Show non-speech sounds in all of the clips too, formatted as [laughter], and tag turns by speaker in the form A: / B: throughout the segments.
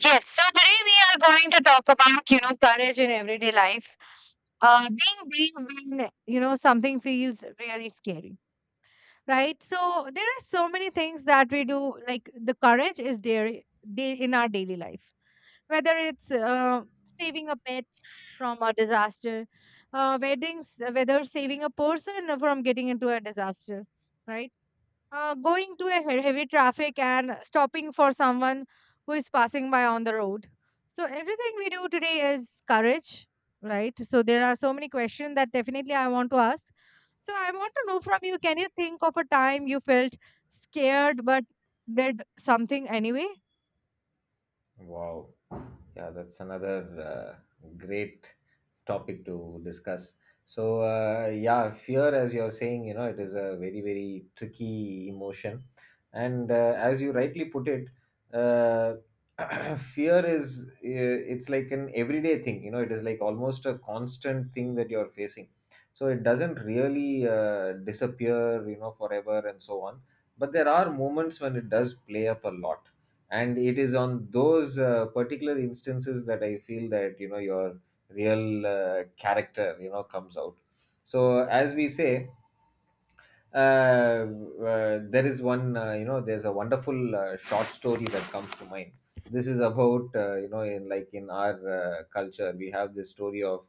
A: Yes, we are talking about, daily life. Being, something feels really right. So there are so many things that we do. Like the courage is there day in our daily life, whether it's saving a pet from a disaster, weddings, whether saving a person from getting into a disaster, right? Going to a heavy traffic and stopping for someone who is passing by on the road. So everything we do today is courage, right? So there are so many questions that definitely I want to ask. So I want to know from you, can you think of a time you felt scared but did something anyway?
B: Wow. Yeah, that's another great topic to discuss. Fear, as you're saying, you know, it is a very, very tricky emotion. And as you rightly put it, uh, [clears throat] fear is, it's like an everyday thing, you know, it is like almost a constant thing that you're facing. So, it doesn't really disappear, you know, forever and so on. But there are moments when it does play up a lot, and it is on those particular instances that I feel that, you know, your real character, you know, comes out. So as we say, uh, there is one, you know, there's a wonderful short story that comes to mind. This is about, you know, in like in our culture, we have this story of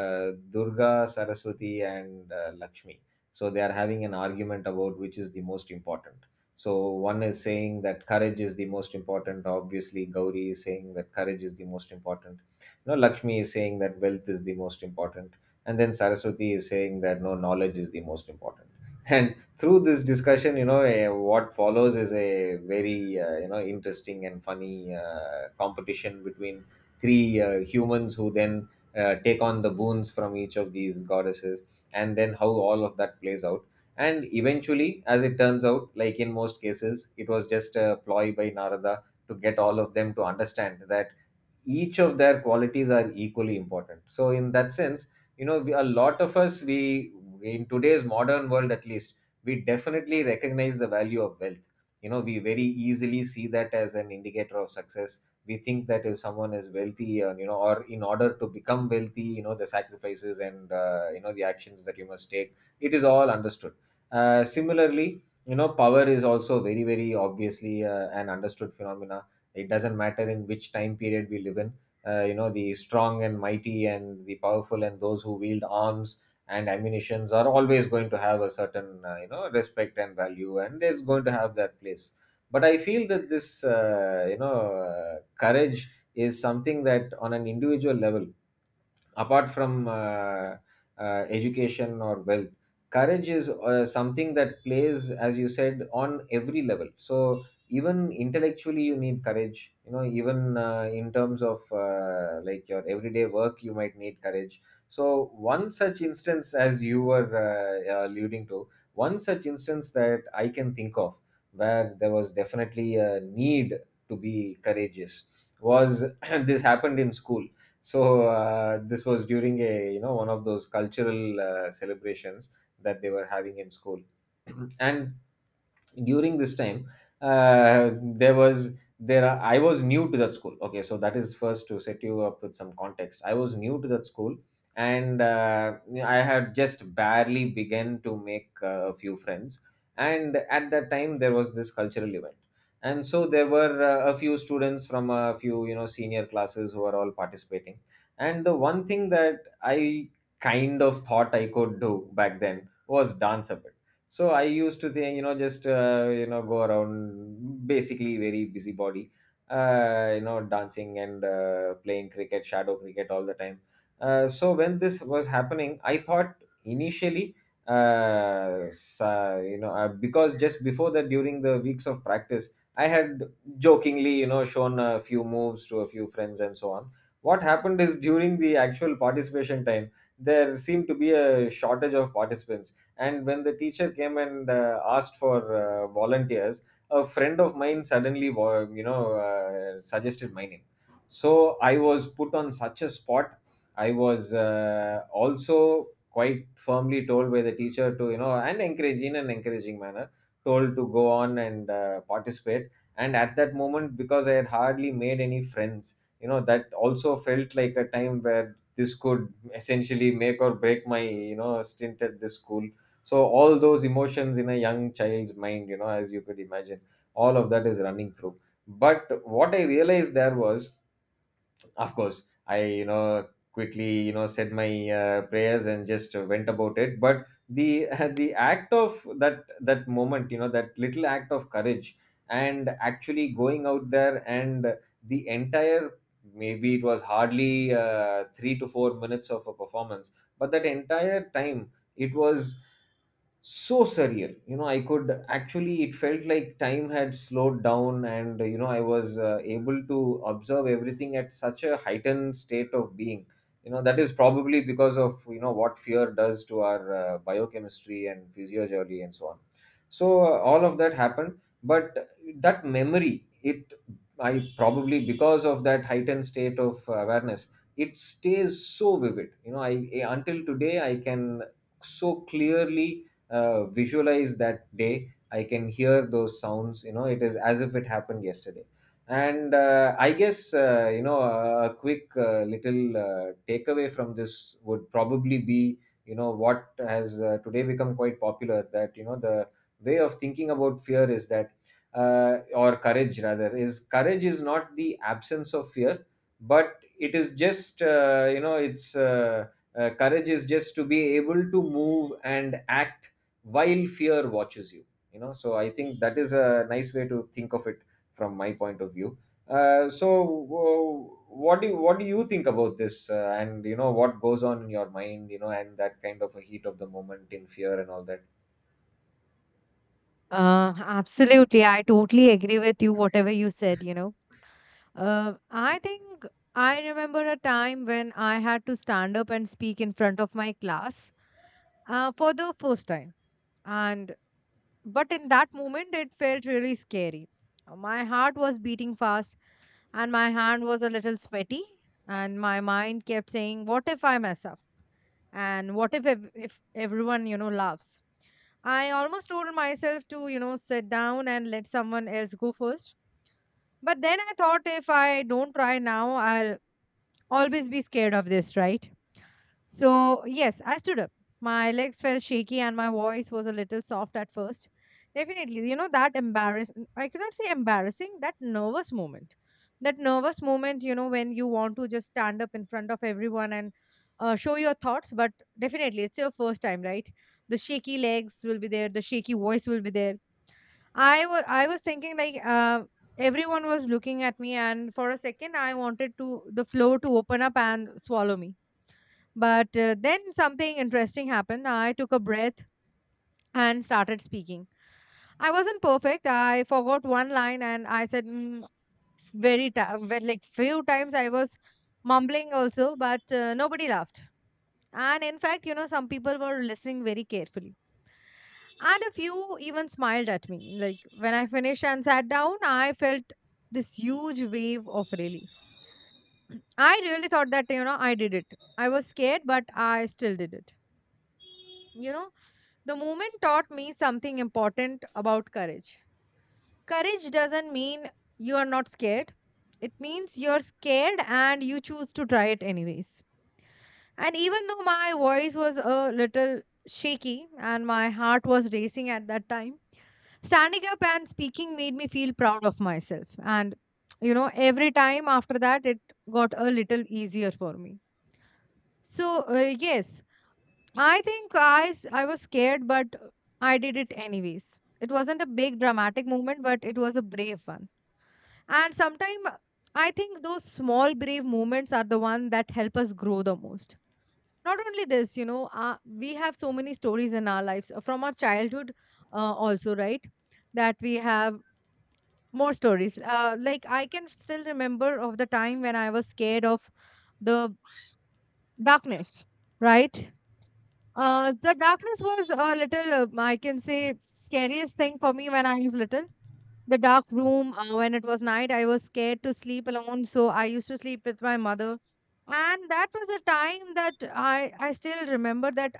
B: Durga, Saraswati, and Lakshmi. So they are having an argument about which is the most important. So one is saying that courage is the most important. Obviously Gauri is saying that courage is the most important. No, Lakshmi is saying that wealth is the most important, and then Saraswati is saying that no, knowledge is the most important. And through this discussion, you know, what follows is a very you know, interesting and funny competition between three humans who then take on the boons from each of these goddesses, and then how all of that plays out. And eventually, as it turns out, like in most cases, it was just a ploy by Narada to get all of them to understand that each of their qualities are equally important. So in that sense, you know, we, a lot of us, we, in today's modern world at least, we definitely recognize the value of wealth. You know, we very easily see that as an indicator of success. We think that if someone is wealthy, you know, or in order to become wealthy, you know, the sacrifices and you know, the actions that you must take, it is all understood. Similarly, you know, power is also very, very obviously an understood phenomena. It doesn't matter in which time period we live in. You know, the strong and mighty and the powerful and those who wield arms and ammunitions are always going to have a certain you know, respect and value, and there's going to have that place. But I feel that this, you know, courage is something that on an individual level, apart from education or wealth, courage is something that plays, as you said, on every level. So even intellectually you need courage, you know, even in terms of like your everyday work, you might need courage. So one such instance, as you were alluding to, one such instance that I can think of where there was definitely a need to be courageous was [clears throat] this happened in school. So this was during a, you know, one of those cultural celebrations that they were having in school. [clears throat] And during this time, there was there are, I was new to that school, okay, so that is first to set you up with some context. I was new to that school, and I had just barely begun to make a few friends. And at that time there was this cultural event, and so there were a few students from a few, you know, senior classes who were all participating. And the one thing that I kind of thought I could do back then was dance a bit. So I used to think, you know, just you know, go around, basically very busybody, you know, dancing and playing cricket, shadow cricket all the time. So when this was happening, I thought initially, you know, because just before that, during the weeks of practice, I had jokingly, you know, shown a few moves to a few friends and so on. What happened is during the actual participation time, there seemed to be a shortage of participants, and when the teacher came and asked for volunteers, a friend of mine suddenly, you know, suggested my name. So I was put on such a spot. I was also quite firmly told by the teacher to, you know, and encourage in an encouraging manner, told to go on and participate. And at that moment, because I had hardly made any friends, you know, that also felt like a time where this could essentially make or break my, you know, stint at this school. So all those emotions in a young child's mind, you know, as you could imagine, all of that is running through. But what I realized there was, of course, I, you know, quickly, you know, said my prayers and just went about it. But the [laughs] the act of that moment, you know, that little act of courage and actually going out there, and the entire, maybe it was hardly 3 to 4 minutes of a performance, but that entire time, it was so surreal. You know, I could actually, it felt like time had slowed down, and, you know, I was able to observe everything at such a heightened state of being. You know, that is probably because of, you know, what fear does to our biochemistry and physiology and so on. So all of that happened, but that memory, it, I probably, because of that heightened state of awareness, it stays so vivid. You know, I, until today, I can so clearly visualize that day. I can hear those sounds. You know, it is as if it happened yesterday. And I guess you know, a quick little takeaway from this would probably be, you know, what has today become quite popular, that, you know, the way of thinking about fear is that, or courage rather, is courage is not the absence of fear, but it is just you know, it's courage is just to be able to move and act while fear watches you. You know, so I think that is a nice way to think of it from my point of view. So what do you think about this, and, you know, what goes on in your mind, you know, and that kind of a heat of the moment in fear and all that?
A: Absolutely. I totally agree with you, whatever you said. I think I remember a time when I had to stand up and speak in front of my class for the first time. And but in that moment, it felt really scary. My heart was beating fast, and my hand was a little sweaty, and my mind kept saying, "What if I mess up? And what if if everyone laughs?" I almost told myself to, sit down and let someone else go first. But then I thought if I don't try now, I'll always be scared of this, right? So, yes, I stood up. My legs felt shaky and my voice was a little soft at first. Definitely, that embarrass I cannot say embarrassing, that nervous moment. That nervous moment, when you want to just stand up in front of everyone and show your thoughts, but definitely it's your first time, right? The shaky legs will be there, the shaky voice will be there. I was thinking like everyone was looking at me, and for a second, I wanted to the floor to open up and swallow me. But then something interesting happened. I took a breath and started speaking. I wasn't perfect. I forgot one line, and I said very like few times I was mumbling also, but nobody laughed. And in fact, some people were listening very carefully. And a few even smiled at me. Like when I finished and sat down, I felt this huge wave of relief. [clears throat] I really thought that, I did it. I was scared, but I still did it. You know, the moment taught me something important about courage. Courage doesn't mean you are not scared, it means you're scared and you choose to try it anyways. And even though my voice was a little shaky and my heart was racing at that time, standing up and speaking made me feel proud of myself. And, every time after that, it got a little easier for me. So, yes, I think I was scared, but I did it anyways. It wasn't a big dramatic moment, but it was a brave one. And sometimes I think those small brave moments are the one that help us grow the most. Not only this, we have so many stories in our lives from our childhood, also, right? That we have more stories. Like I can still remember of the time when I was scared of the darkness, right? The darkness was a little, I can say, scariest thing for me when I was little. The dark room, when it was night, I was scared to sleep alone, so I used to sleep with my mother. And that was a time that I still remember that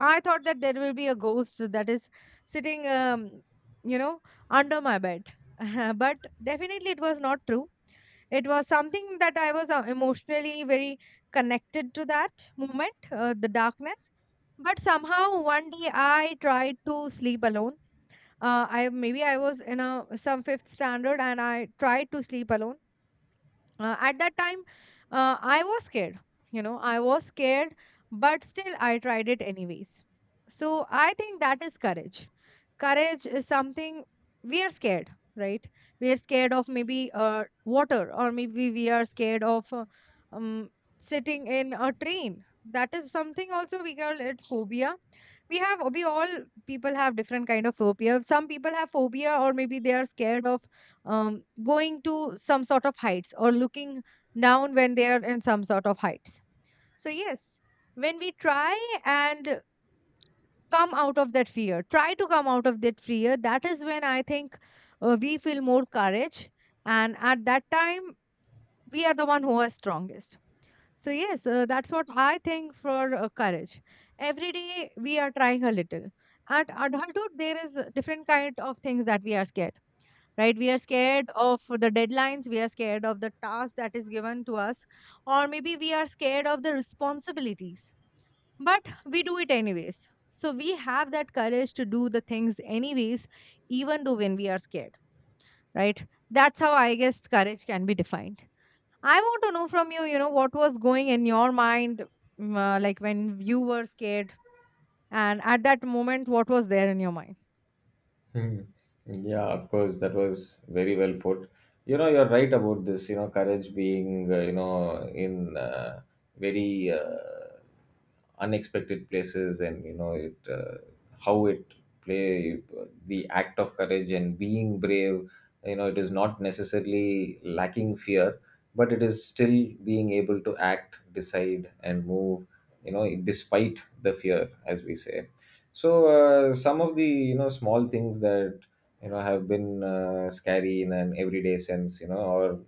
A: I thought that there will be a ghost that is sitting you know under my bed [laughs] but definitely it was not true. It was something that I was emotionally very connected to that moment, the darkness. But somehow one day I tried to sleep alone. I maybe I was in a some fifth standard, and I tried to sleep alone. At that time, I was scared. I was scared, but still I tried it anyways. So I think that is courage. Courage is something. We are scared, right? We are scared of maybe water, or maybe we are scared of um, sitting in a train. That is something also we call it phobia. We all, people have different kind of phobia. Some people have phobia, or maybe they are scared of going to some sort of heights, or looking down when they are in some sort of heights. So, yes, when we try and come out of that fear, try to come out of that fear, that is when I think we feel more courage. And at that time, we are the one who are strongest. So, yes, that's what I think for courage. Every day we are trying a little. At adulthood, there is different kind of things that we are scared. Right, we are scared of the deadlines, we are scared of the task that is given to us, or maybe we are scared of the responsibilities, but we do it anyways. So we have that courage to do the things anyways, even though when we are scared, right? That's how I guess courage can be defined. I want to know from you, you know what was going in your mind, like when you were scared, and at that moment what was there in your mind.
B: [laughs] Hmm. Yeah, of course, that was very well put. You know, you're right about this, you know, courage being, you know, in very unexpected places, and, you know, it how it play, the act of courage and being brave, you know, it is not necessarily lacking fear, but it is still being able to act, decide, and move, you know, despite the fear, as we say. So some of the, you know, small things that, you know, have been scary in an everyday sense, you know, or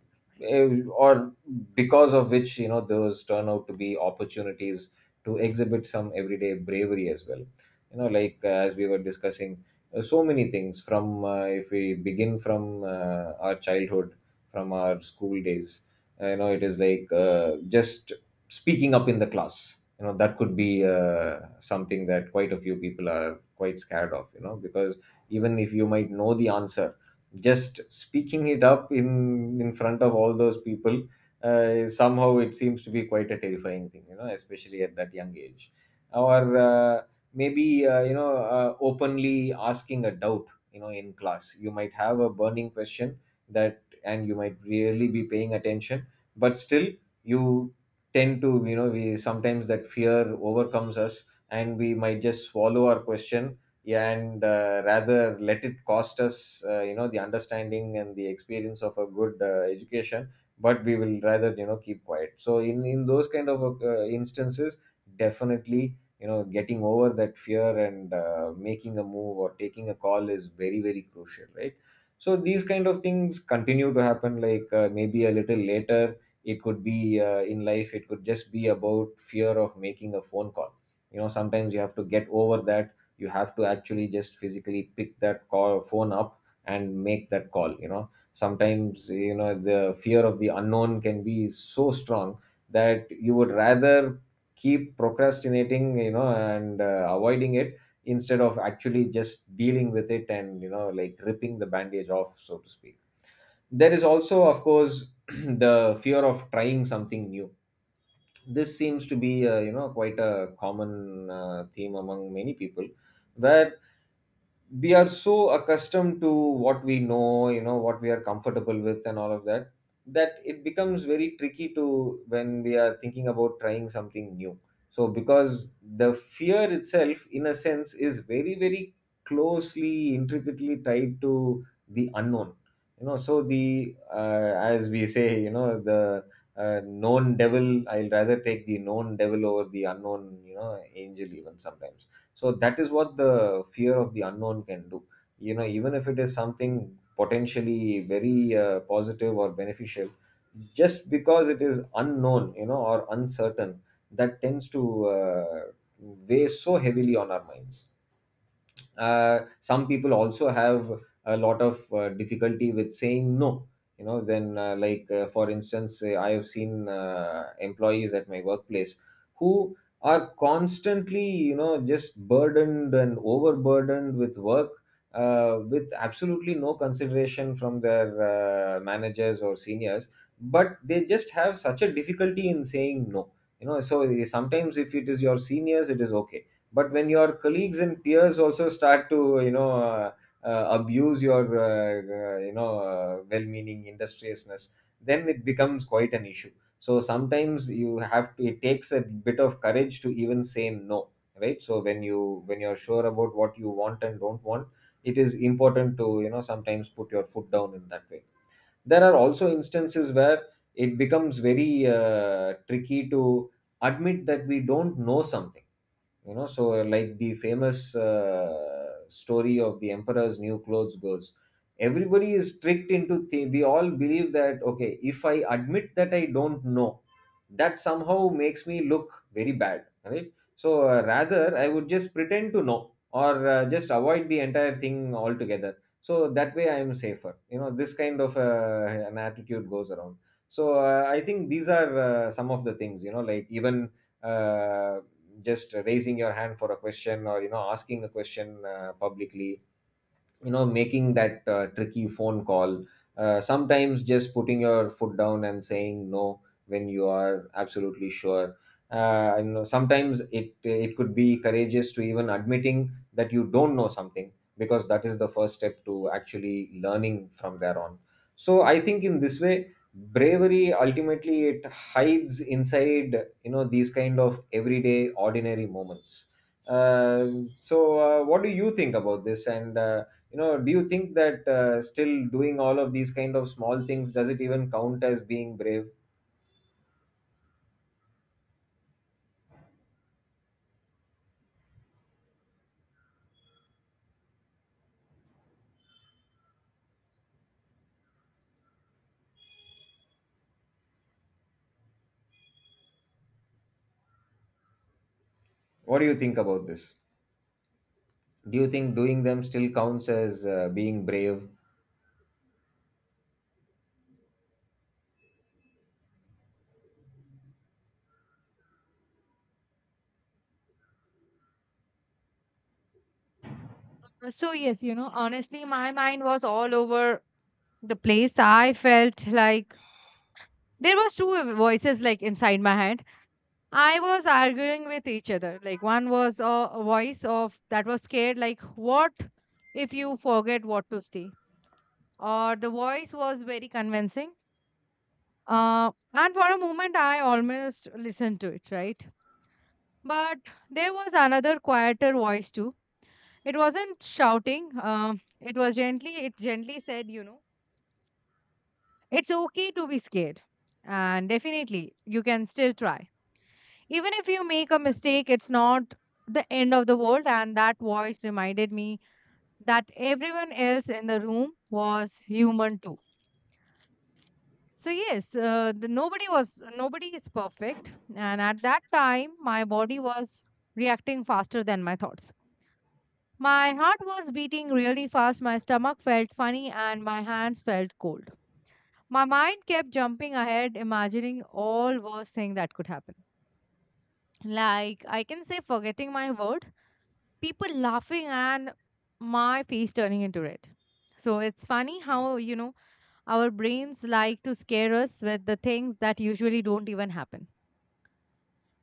B: or because of which, you know, those turn out to be opportunities to exhibit some everyday bravery as well. You know, like as we were discussing, so many things, from if we begin from our childhood, from our school days, you know, it is like, just speaking up in the class. You know, that could be something that quite a few people are quite scared of, you know, because even if you might know the answer, just speaking it up in front of all those people, somehow it seems to be quite a terrifying thing. You know, especially at that young age, or maybe, you know, openly asking a doubt, you know, in class. You might have a burning question that, and you might really be paying attention, but still you tend to, you know, we sometimes, that fear overcomes us, and we might just swallow our question, yeah, and rather let it cost us, you know, the understanding and the experience of a good education. But we will rather, you know, keep quiet. So in those kind of instances, definitely, you know, getting over that fear and making a move or taking a call is very, very crucial, right? So these kind of things continue to happen, like, maybe a little later. It could be, in life, it could just be about fear of making a phone call. You know, sometimes you have to get over that. You have to actually just physically pick that call phone up and make that call. You know, sometimes, you know, the fear of the unknown can be so strong that you would rather keep procrastinating, you know, and avoiding It instead of actually just dealing with it and, like ripping the bandage off, so to speak. There is also, of course, [clears throat] the fear of trying something new. This seems to be, quite a common theme among many people, where we are so accustomed to what we know, what we are comfortable with and all of that, that it becomes very tricky to when we are thinking about trying something new. So because the fear itself, in a sense, is very closely, intricately tied to the unknown. So the as we say, the known devil, I'll rather take the known devil over the unknown, angel, even sometimes. So that is what the fear of the unknown can do. You know even if it is something potentially very positive or beneficial, just because it is unknown, or uncertain, that tends to uh, weigh so heavily on our minds. Some people also have a lot of difficulty with saying no. Then for instance, I have seen employees at my workplace who are constantly, just burdened and overburdened with work, with absolutely no consideration from their managers or seniors. But they just have such a difficulty in saying no. So sometimes if it is your seniors, it is okay, but when your colleagues and peers also start to abuse your well-meaning industriousness, then it becomes quite an issue. So sometimes you have to, it takes a bit of courage to even say no, right? So when you, when you're sure about what you want and don't want, it is important to, sometimes put your foot down in that way. There are also instances where it becomes very tricky to admit that we don't know something. So like the famous story of the emperor's new clothes goes, everybody is tricked into we all believe that okay, if I admit that I don't know, that somehow makes me look very bad, right? So rather I would just pretend to know or just avoid the entire thing altogether, so that way I am safer. This kind of an attitude goes around. So I think these are some of the things, like even uh, just raising your hand for a question, or asking a question publicly. Making that tricky phone call, sometimes just putting your foot down and saying no when you are absolutely sure. Sometimes it could be courageous to even admitting that you don't know something, because that is the first step to actually learning from there on. So I think in this way, bravery ultimately, it hides inside, these kind of everyday ordinary moments. uh, so what do you think about this? And do you think that still doing all of these kind of small things, does it even count as being brave? What do you think about this? Do you think doing them still counts as being brave?
A: So yes, honestly, my mind was all over the place. I felt like there was two voices like inside my head. I was arguing with each other, like one was a voice of that was scared, like, what if you forget what to stay? Or the voice was very convincing. uh, and for a moment I almost listened to it, right? But there was another quieter voice too. It wasn't shouting, it was gently, it gently said, it's okay to be scared. And definitely, you can still try. Even if you make a mistake, it's not the end of the world. And that voice reminded me that everyone else in the room was human too. So yes, the, nobody was nobody is perfect, and at that time, my body was reacting faster than my thoughts. My heart was beating really fast, my stomach felt funny, and my hands felt cold. My mind kept jumping ahead, imagining all worst thing that could happen. Like I can say, forgetting my word, people laughing, and my face turning into red. So it's funny how, our brains like to scare us with the things that usually don't even happen.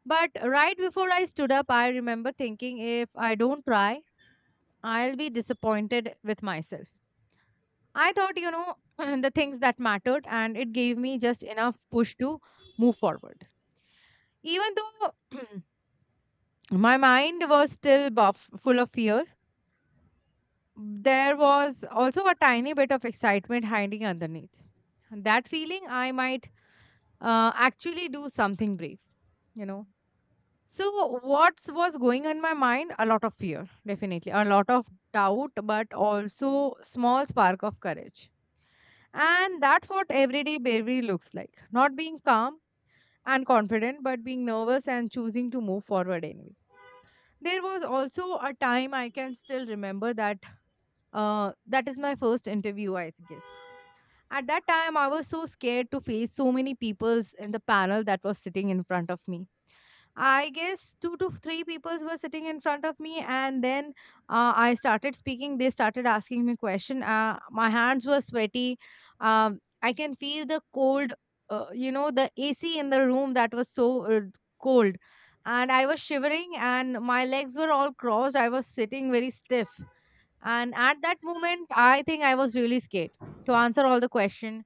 A: But right before I stood up, I remember thinking if I don't try, I'll be disappointed with myself. I thought, [clears throat] the things that mattered, and it gave me just enough push to move forward. Even though [clears throat] my mind was still buff, full of fear, there was also a tiny bit of excitement hiding underneath. And that feeling I might actually do something brave, you know. So, what was going on in my mind? A lot of fear, definitely. A lot of doubt, but also small spark of courage. And that's what everyday bravery looks like. Not being calm and confident, but being nervous and choosing to move forward anyway. There was also a time I can still remember that that is my first interview, I guess. At that time, I was so scared to face so many peoples in the panel that was sitting in front of me. I guess two to three peoples were sitting in front of me, and then I started speaking. They started asking me question. My hands were sweaty. I can feel the cold. You know the AC in the room that was so cold, and I was shivering, and my legs were all crossed. I was sitting very stiff, and at that moment, I think I was really scared to answer all the question,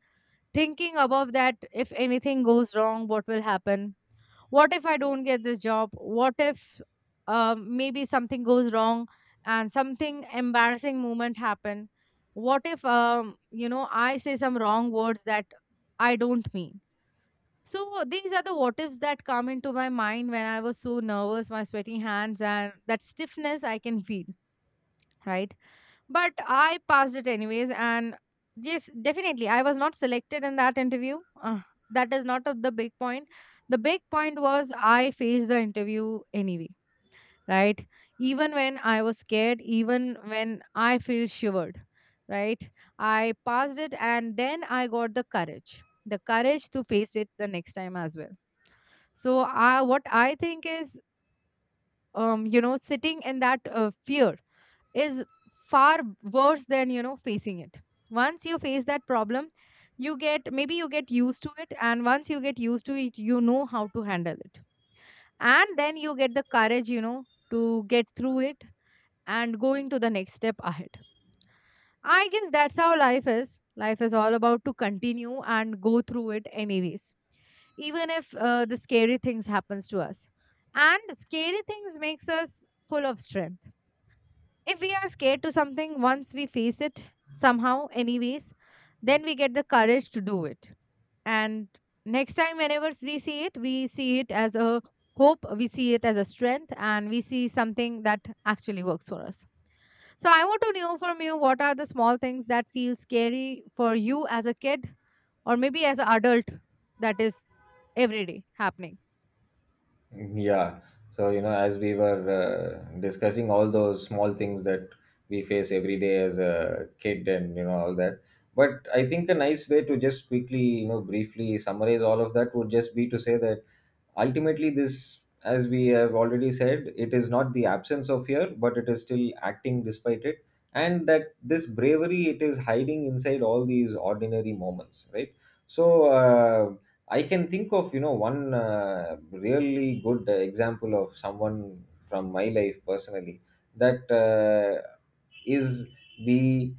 A: thinking above that if anything goes wrong what will happen. What if I don't get this job? What if maybe something goes wrong and something embarrassing moment happen? What if you know I say some wrong words that I don't mean? So, these are the what ifs that come into my mind when I was so nervous, my sweaty hands and that stiffness I can feel, right? But I passed it anyways. And yes, definitely, I was not selected in that interview. That is not of the big point. The big point was I faced the interview anyway, right? Even when I was scared, even when I feel shivered, right? I passed it, and then I got the courage, the courage to face it the next time as well. So what I think is sitting in that fear is far worse than facing it. Once you face that problem, you get, maybe you get used to it, and once you get used to it, you know how to handle it, and then you get the courage, to get through it and going to the next step ahead. I guess that's how life is. Life is all about to continue and go through it anyways, even if the scary things happens to us. And scary things makes us full of strength. If we are scared to something, once we face it somehow, anyways, then we get the courage to do it. And next time, whenever we see it as a hope, we see it as a strength, and we see something that actually works for us. So, I want to know from you, what are the small things that feel scary for you as a kid or maybe as an adult that is every day happening?
B: Yeah. So, as we were discussing all those small things that we face every day as a kid and, all that. But I think a nice way to just quickly, briefly summarize all of that would just be to say that ultimately this, as we have already said, it is not the absence of fear, but it is still acting despite it. And that this bravery, it is hiding inside all these ordinary moments, right? So, I can think of, one really good example of someone from my life personally that is the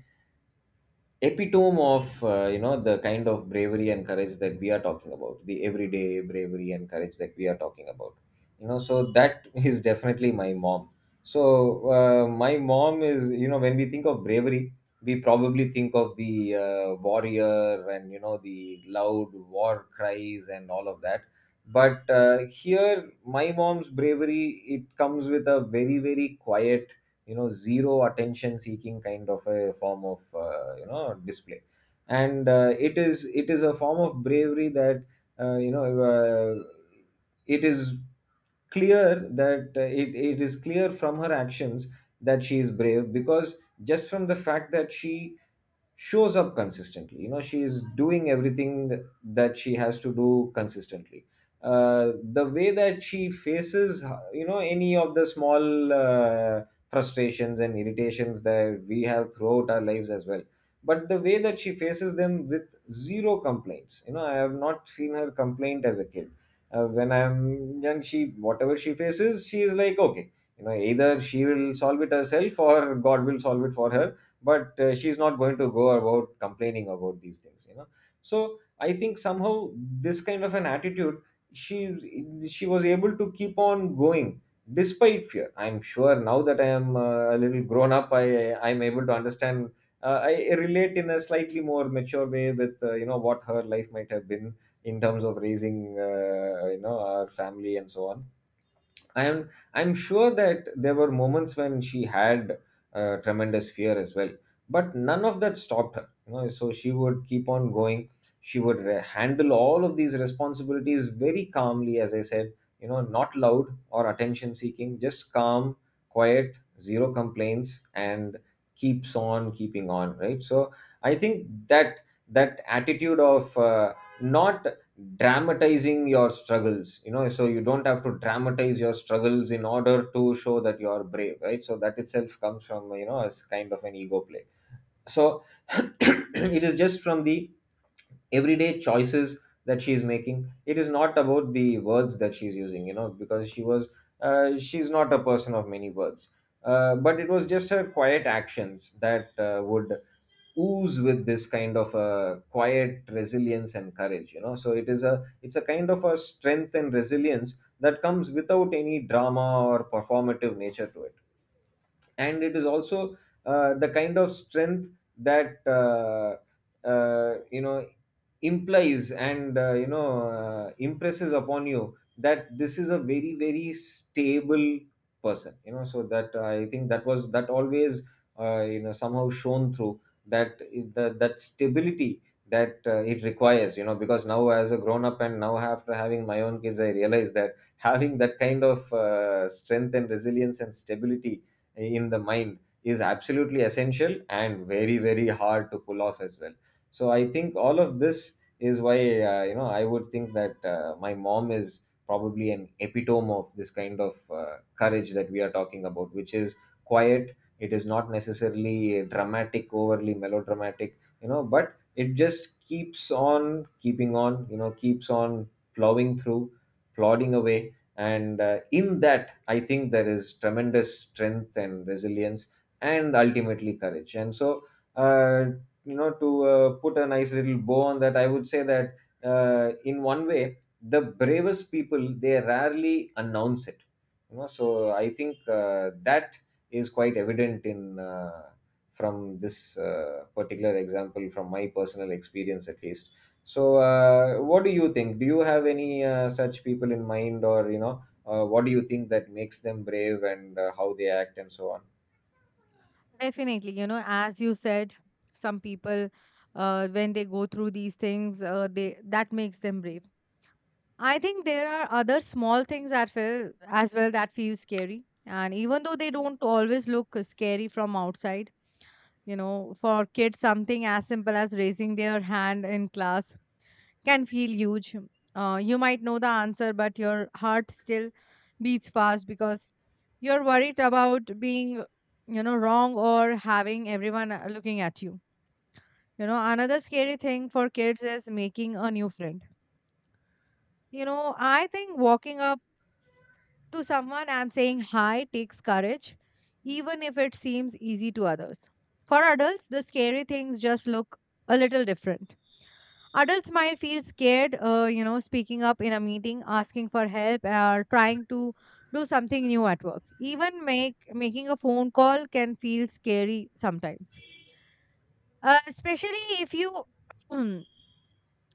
B: epitome of, the kind of bravery and courage that we are talking about, the everyday bravery and courage that we are talking about. So that [laughs] is definitely my mom. So my mom is, when we think of bravery, we probably think of the warrior and, the loud war cries and all of that. But here my mom's bravery, it comes with a very quiet, zero attention seeking kind of a form of display. And it is, it is a form of bravery that uh, you know uh, it is clear that it is clear from her actions that she is brave because, just from the fact that she shows up consistently. She is doing everything that she has to do consistently. The way that she faces, any of the small frustrations and irritations that we have throughout our lives as well, but the way that she faces them with zero complaints. I have not seen her complaint as a kid. When I'm young, she, whatever she faces, she is like okay, either she will solve it herself or God will solve it for her. But she's not going to go about complaining about these things. So I think somehow this kind of an attitude, she she was able to keep on going despite fear. I'm sure now that I am a little grown up, I'm able to understand. I relate in a slightly more mature way with, what her life might have been, in terms of raising, our family and so on. I'm sure that there were moments when she had tremendous fear as well, but none of that stopped her. So she would keep on going. She would handle all of these responsibilities very calmly, as I said. Not loud or attention seeking, just calm, quiet, zero complaints, and keeps on keeping on. Right. So I think that, that attitude of not dramatizing your struggles. So you don't have to dramatize your struggles in order to show that you are brave, right? So that itself comes from, as kind of an ego play. So [clears throat] it is just from the everyday choices that she is making. It is not about the words that she is using, because she was she's not a person of many words. But it was just her quiet actions that would ooze with this kind of a quiet resilience and courage. So it is a, it's a kind of a strength and resilience that comes without any drama or performative nature to it. And it is also the kind of strength that uh, you know implies and, impresses upon you that this is a very stable person. So that, I think that was, that always somehow shown through, that the, that stability that it requires. Because now as a grown up, and now after having my own kids, I realize that [laughs] having that kind of strength and resilience and stability in the mind is absolutely essential and very hard to pull off as well. So I think all of this is why, I would think that my mom is probably an epitome of this kind of courage that we are talking about, which is quiet. It is not necessarily dramatic, overly melodramatic, but it just keeps on keeping on. Keeps on plowing through, plodding away. And in that, I think there is tremendous strength and resilience, and ultimately courage. And so uh, to put a nice little bow on that, I would say that in one way, the bravest people, they rarely announce it. So I think that is quite evident in, from this particular example from my personal experience, at least. So, what do you think? Do you have any such people in mind, or, what do you think that makes them brave, and how they act and so on?
A: Definitely, as you said, some people, when they go through these things, they that makes them brave. I think there are other small things that feel as well that feel scary, and even though they don't always look scary from outside, for kids, something as simple as raising their hand in class can feel huge. You might know the answer, but your heart still beats fast because you're worried about being, wrong or having everyone looking at you. You know, another scary thing for kids is making a new friend. I think walking up to someone and saying hi takes courage, even if it seems easy to others. For adults, the scary things just look a little different. Adults might feel scared, speaking up in a meeting, asking for help, or trying to do something new at work. Even make making a phone call can feel scary sometimes, especially if you, [clears throat] uh,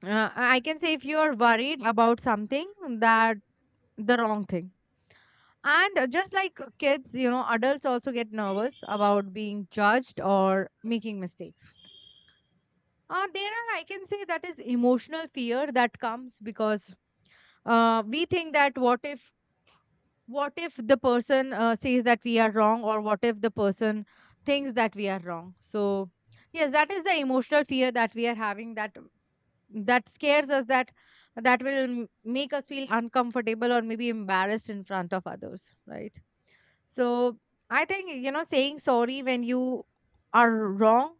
A: I can say, if you are worried about something that the wrong thing. And just like kids, adults also get nervous about being judged or making mistakes. There are, I can say, that is emotional fear that comes because we think that, what if the person says that we are wrong, or what if the person thinks that we are wrong. So yes, that is the emotional fear that we are having, that that scares us, that make us feel uncomfortable or maybe embarrassed in front of others, right? So I think, saying sorry when you are wrong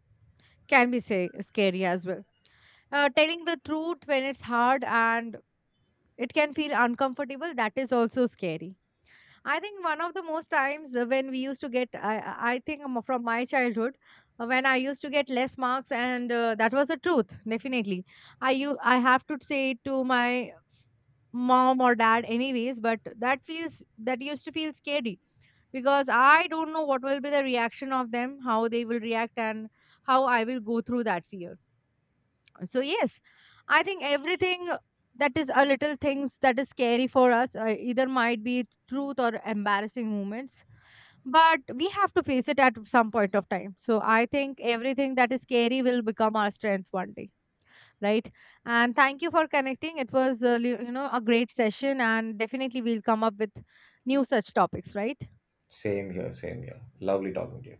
A: can be, say, scary as well. Uh, telling the truth when it's hard and it can feel uncomfortable, that is also scary. I think one of the most times when we used to get, I think from my childhood, when I used to get less marks, and that was the truth, definitely. I have to say it to my mom or dad, anyways. But that used to feel scary because I don't know what will be the reaction of them, how they will react, and how I will go through that fear. So yes, I think everything that is a little things that is scary for us, either might be truth or embarrassing moments, but we have to face it at some point of time. So I think everything that is scary will become our strength one day, right? And thank you for connecting. It was a great session, and definitely we'll come up with new such topics, right?
B: Same here, same here. Lovely talking to you.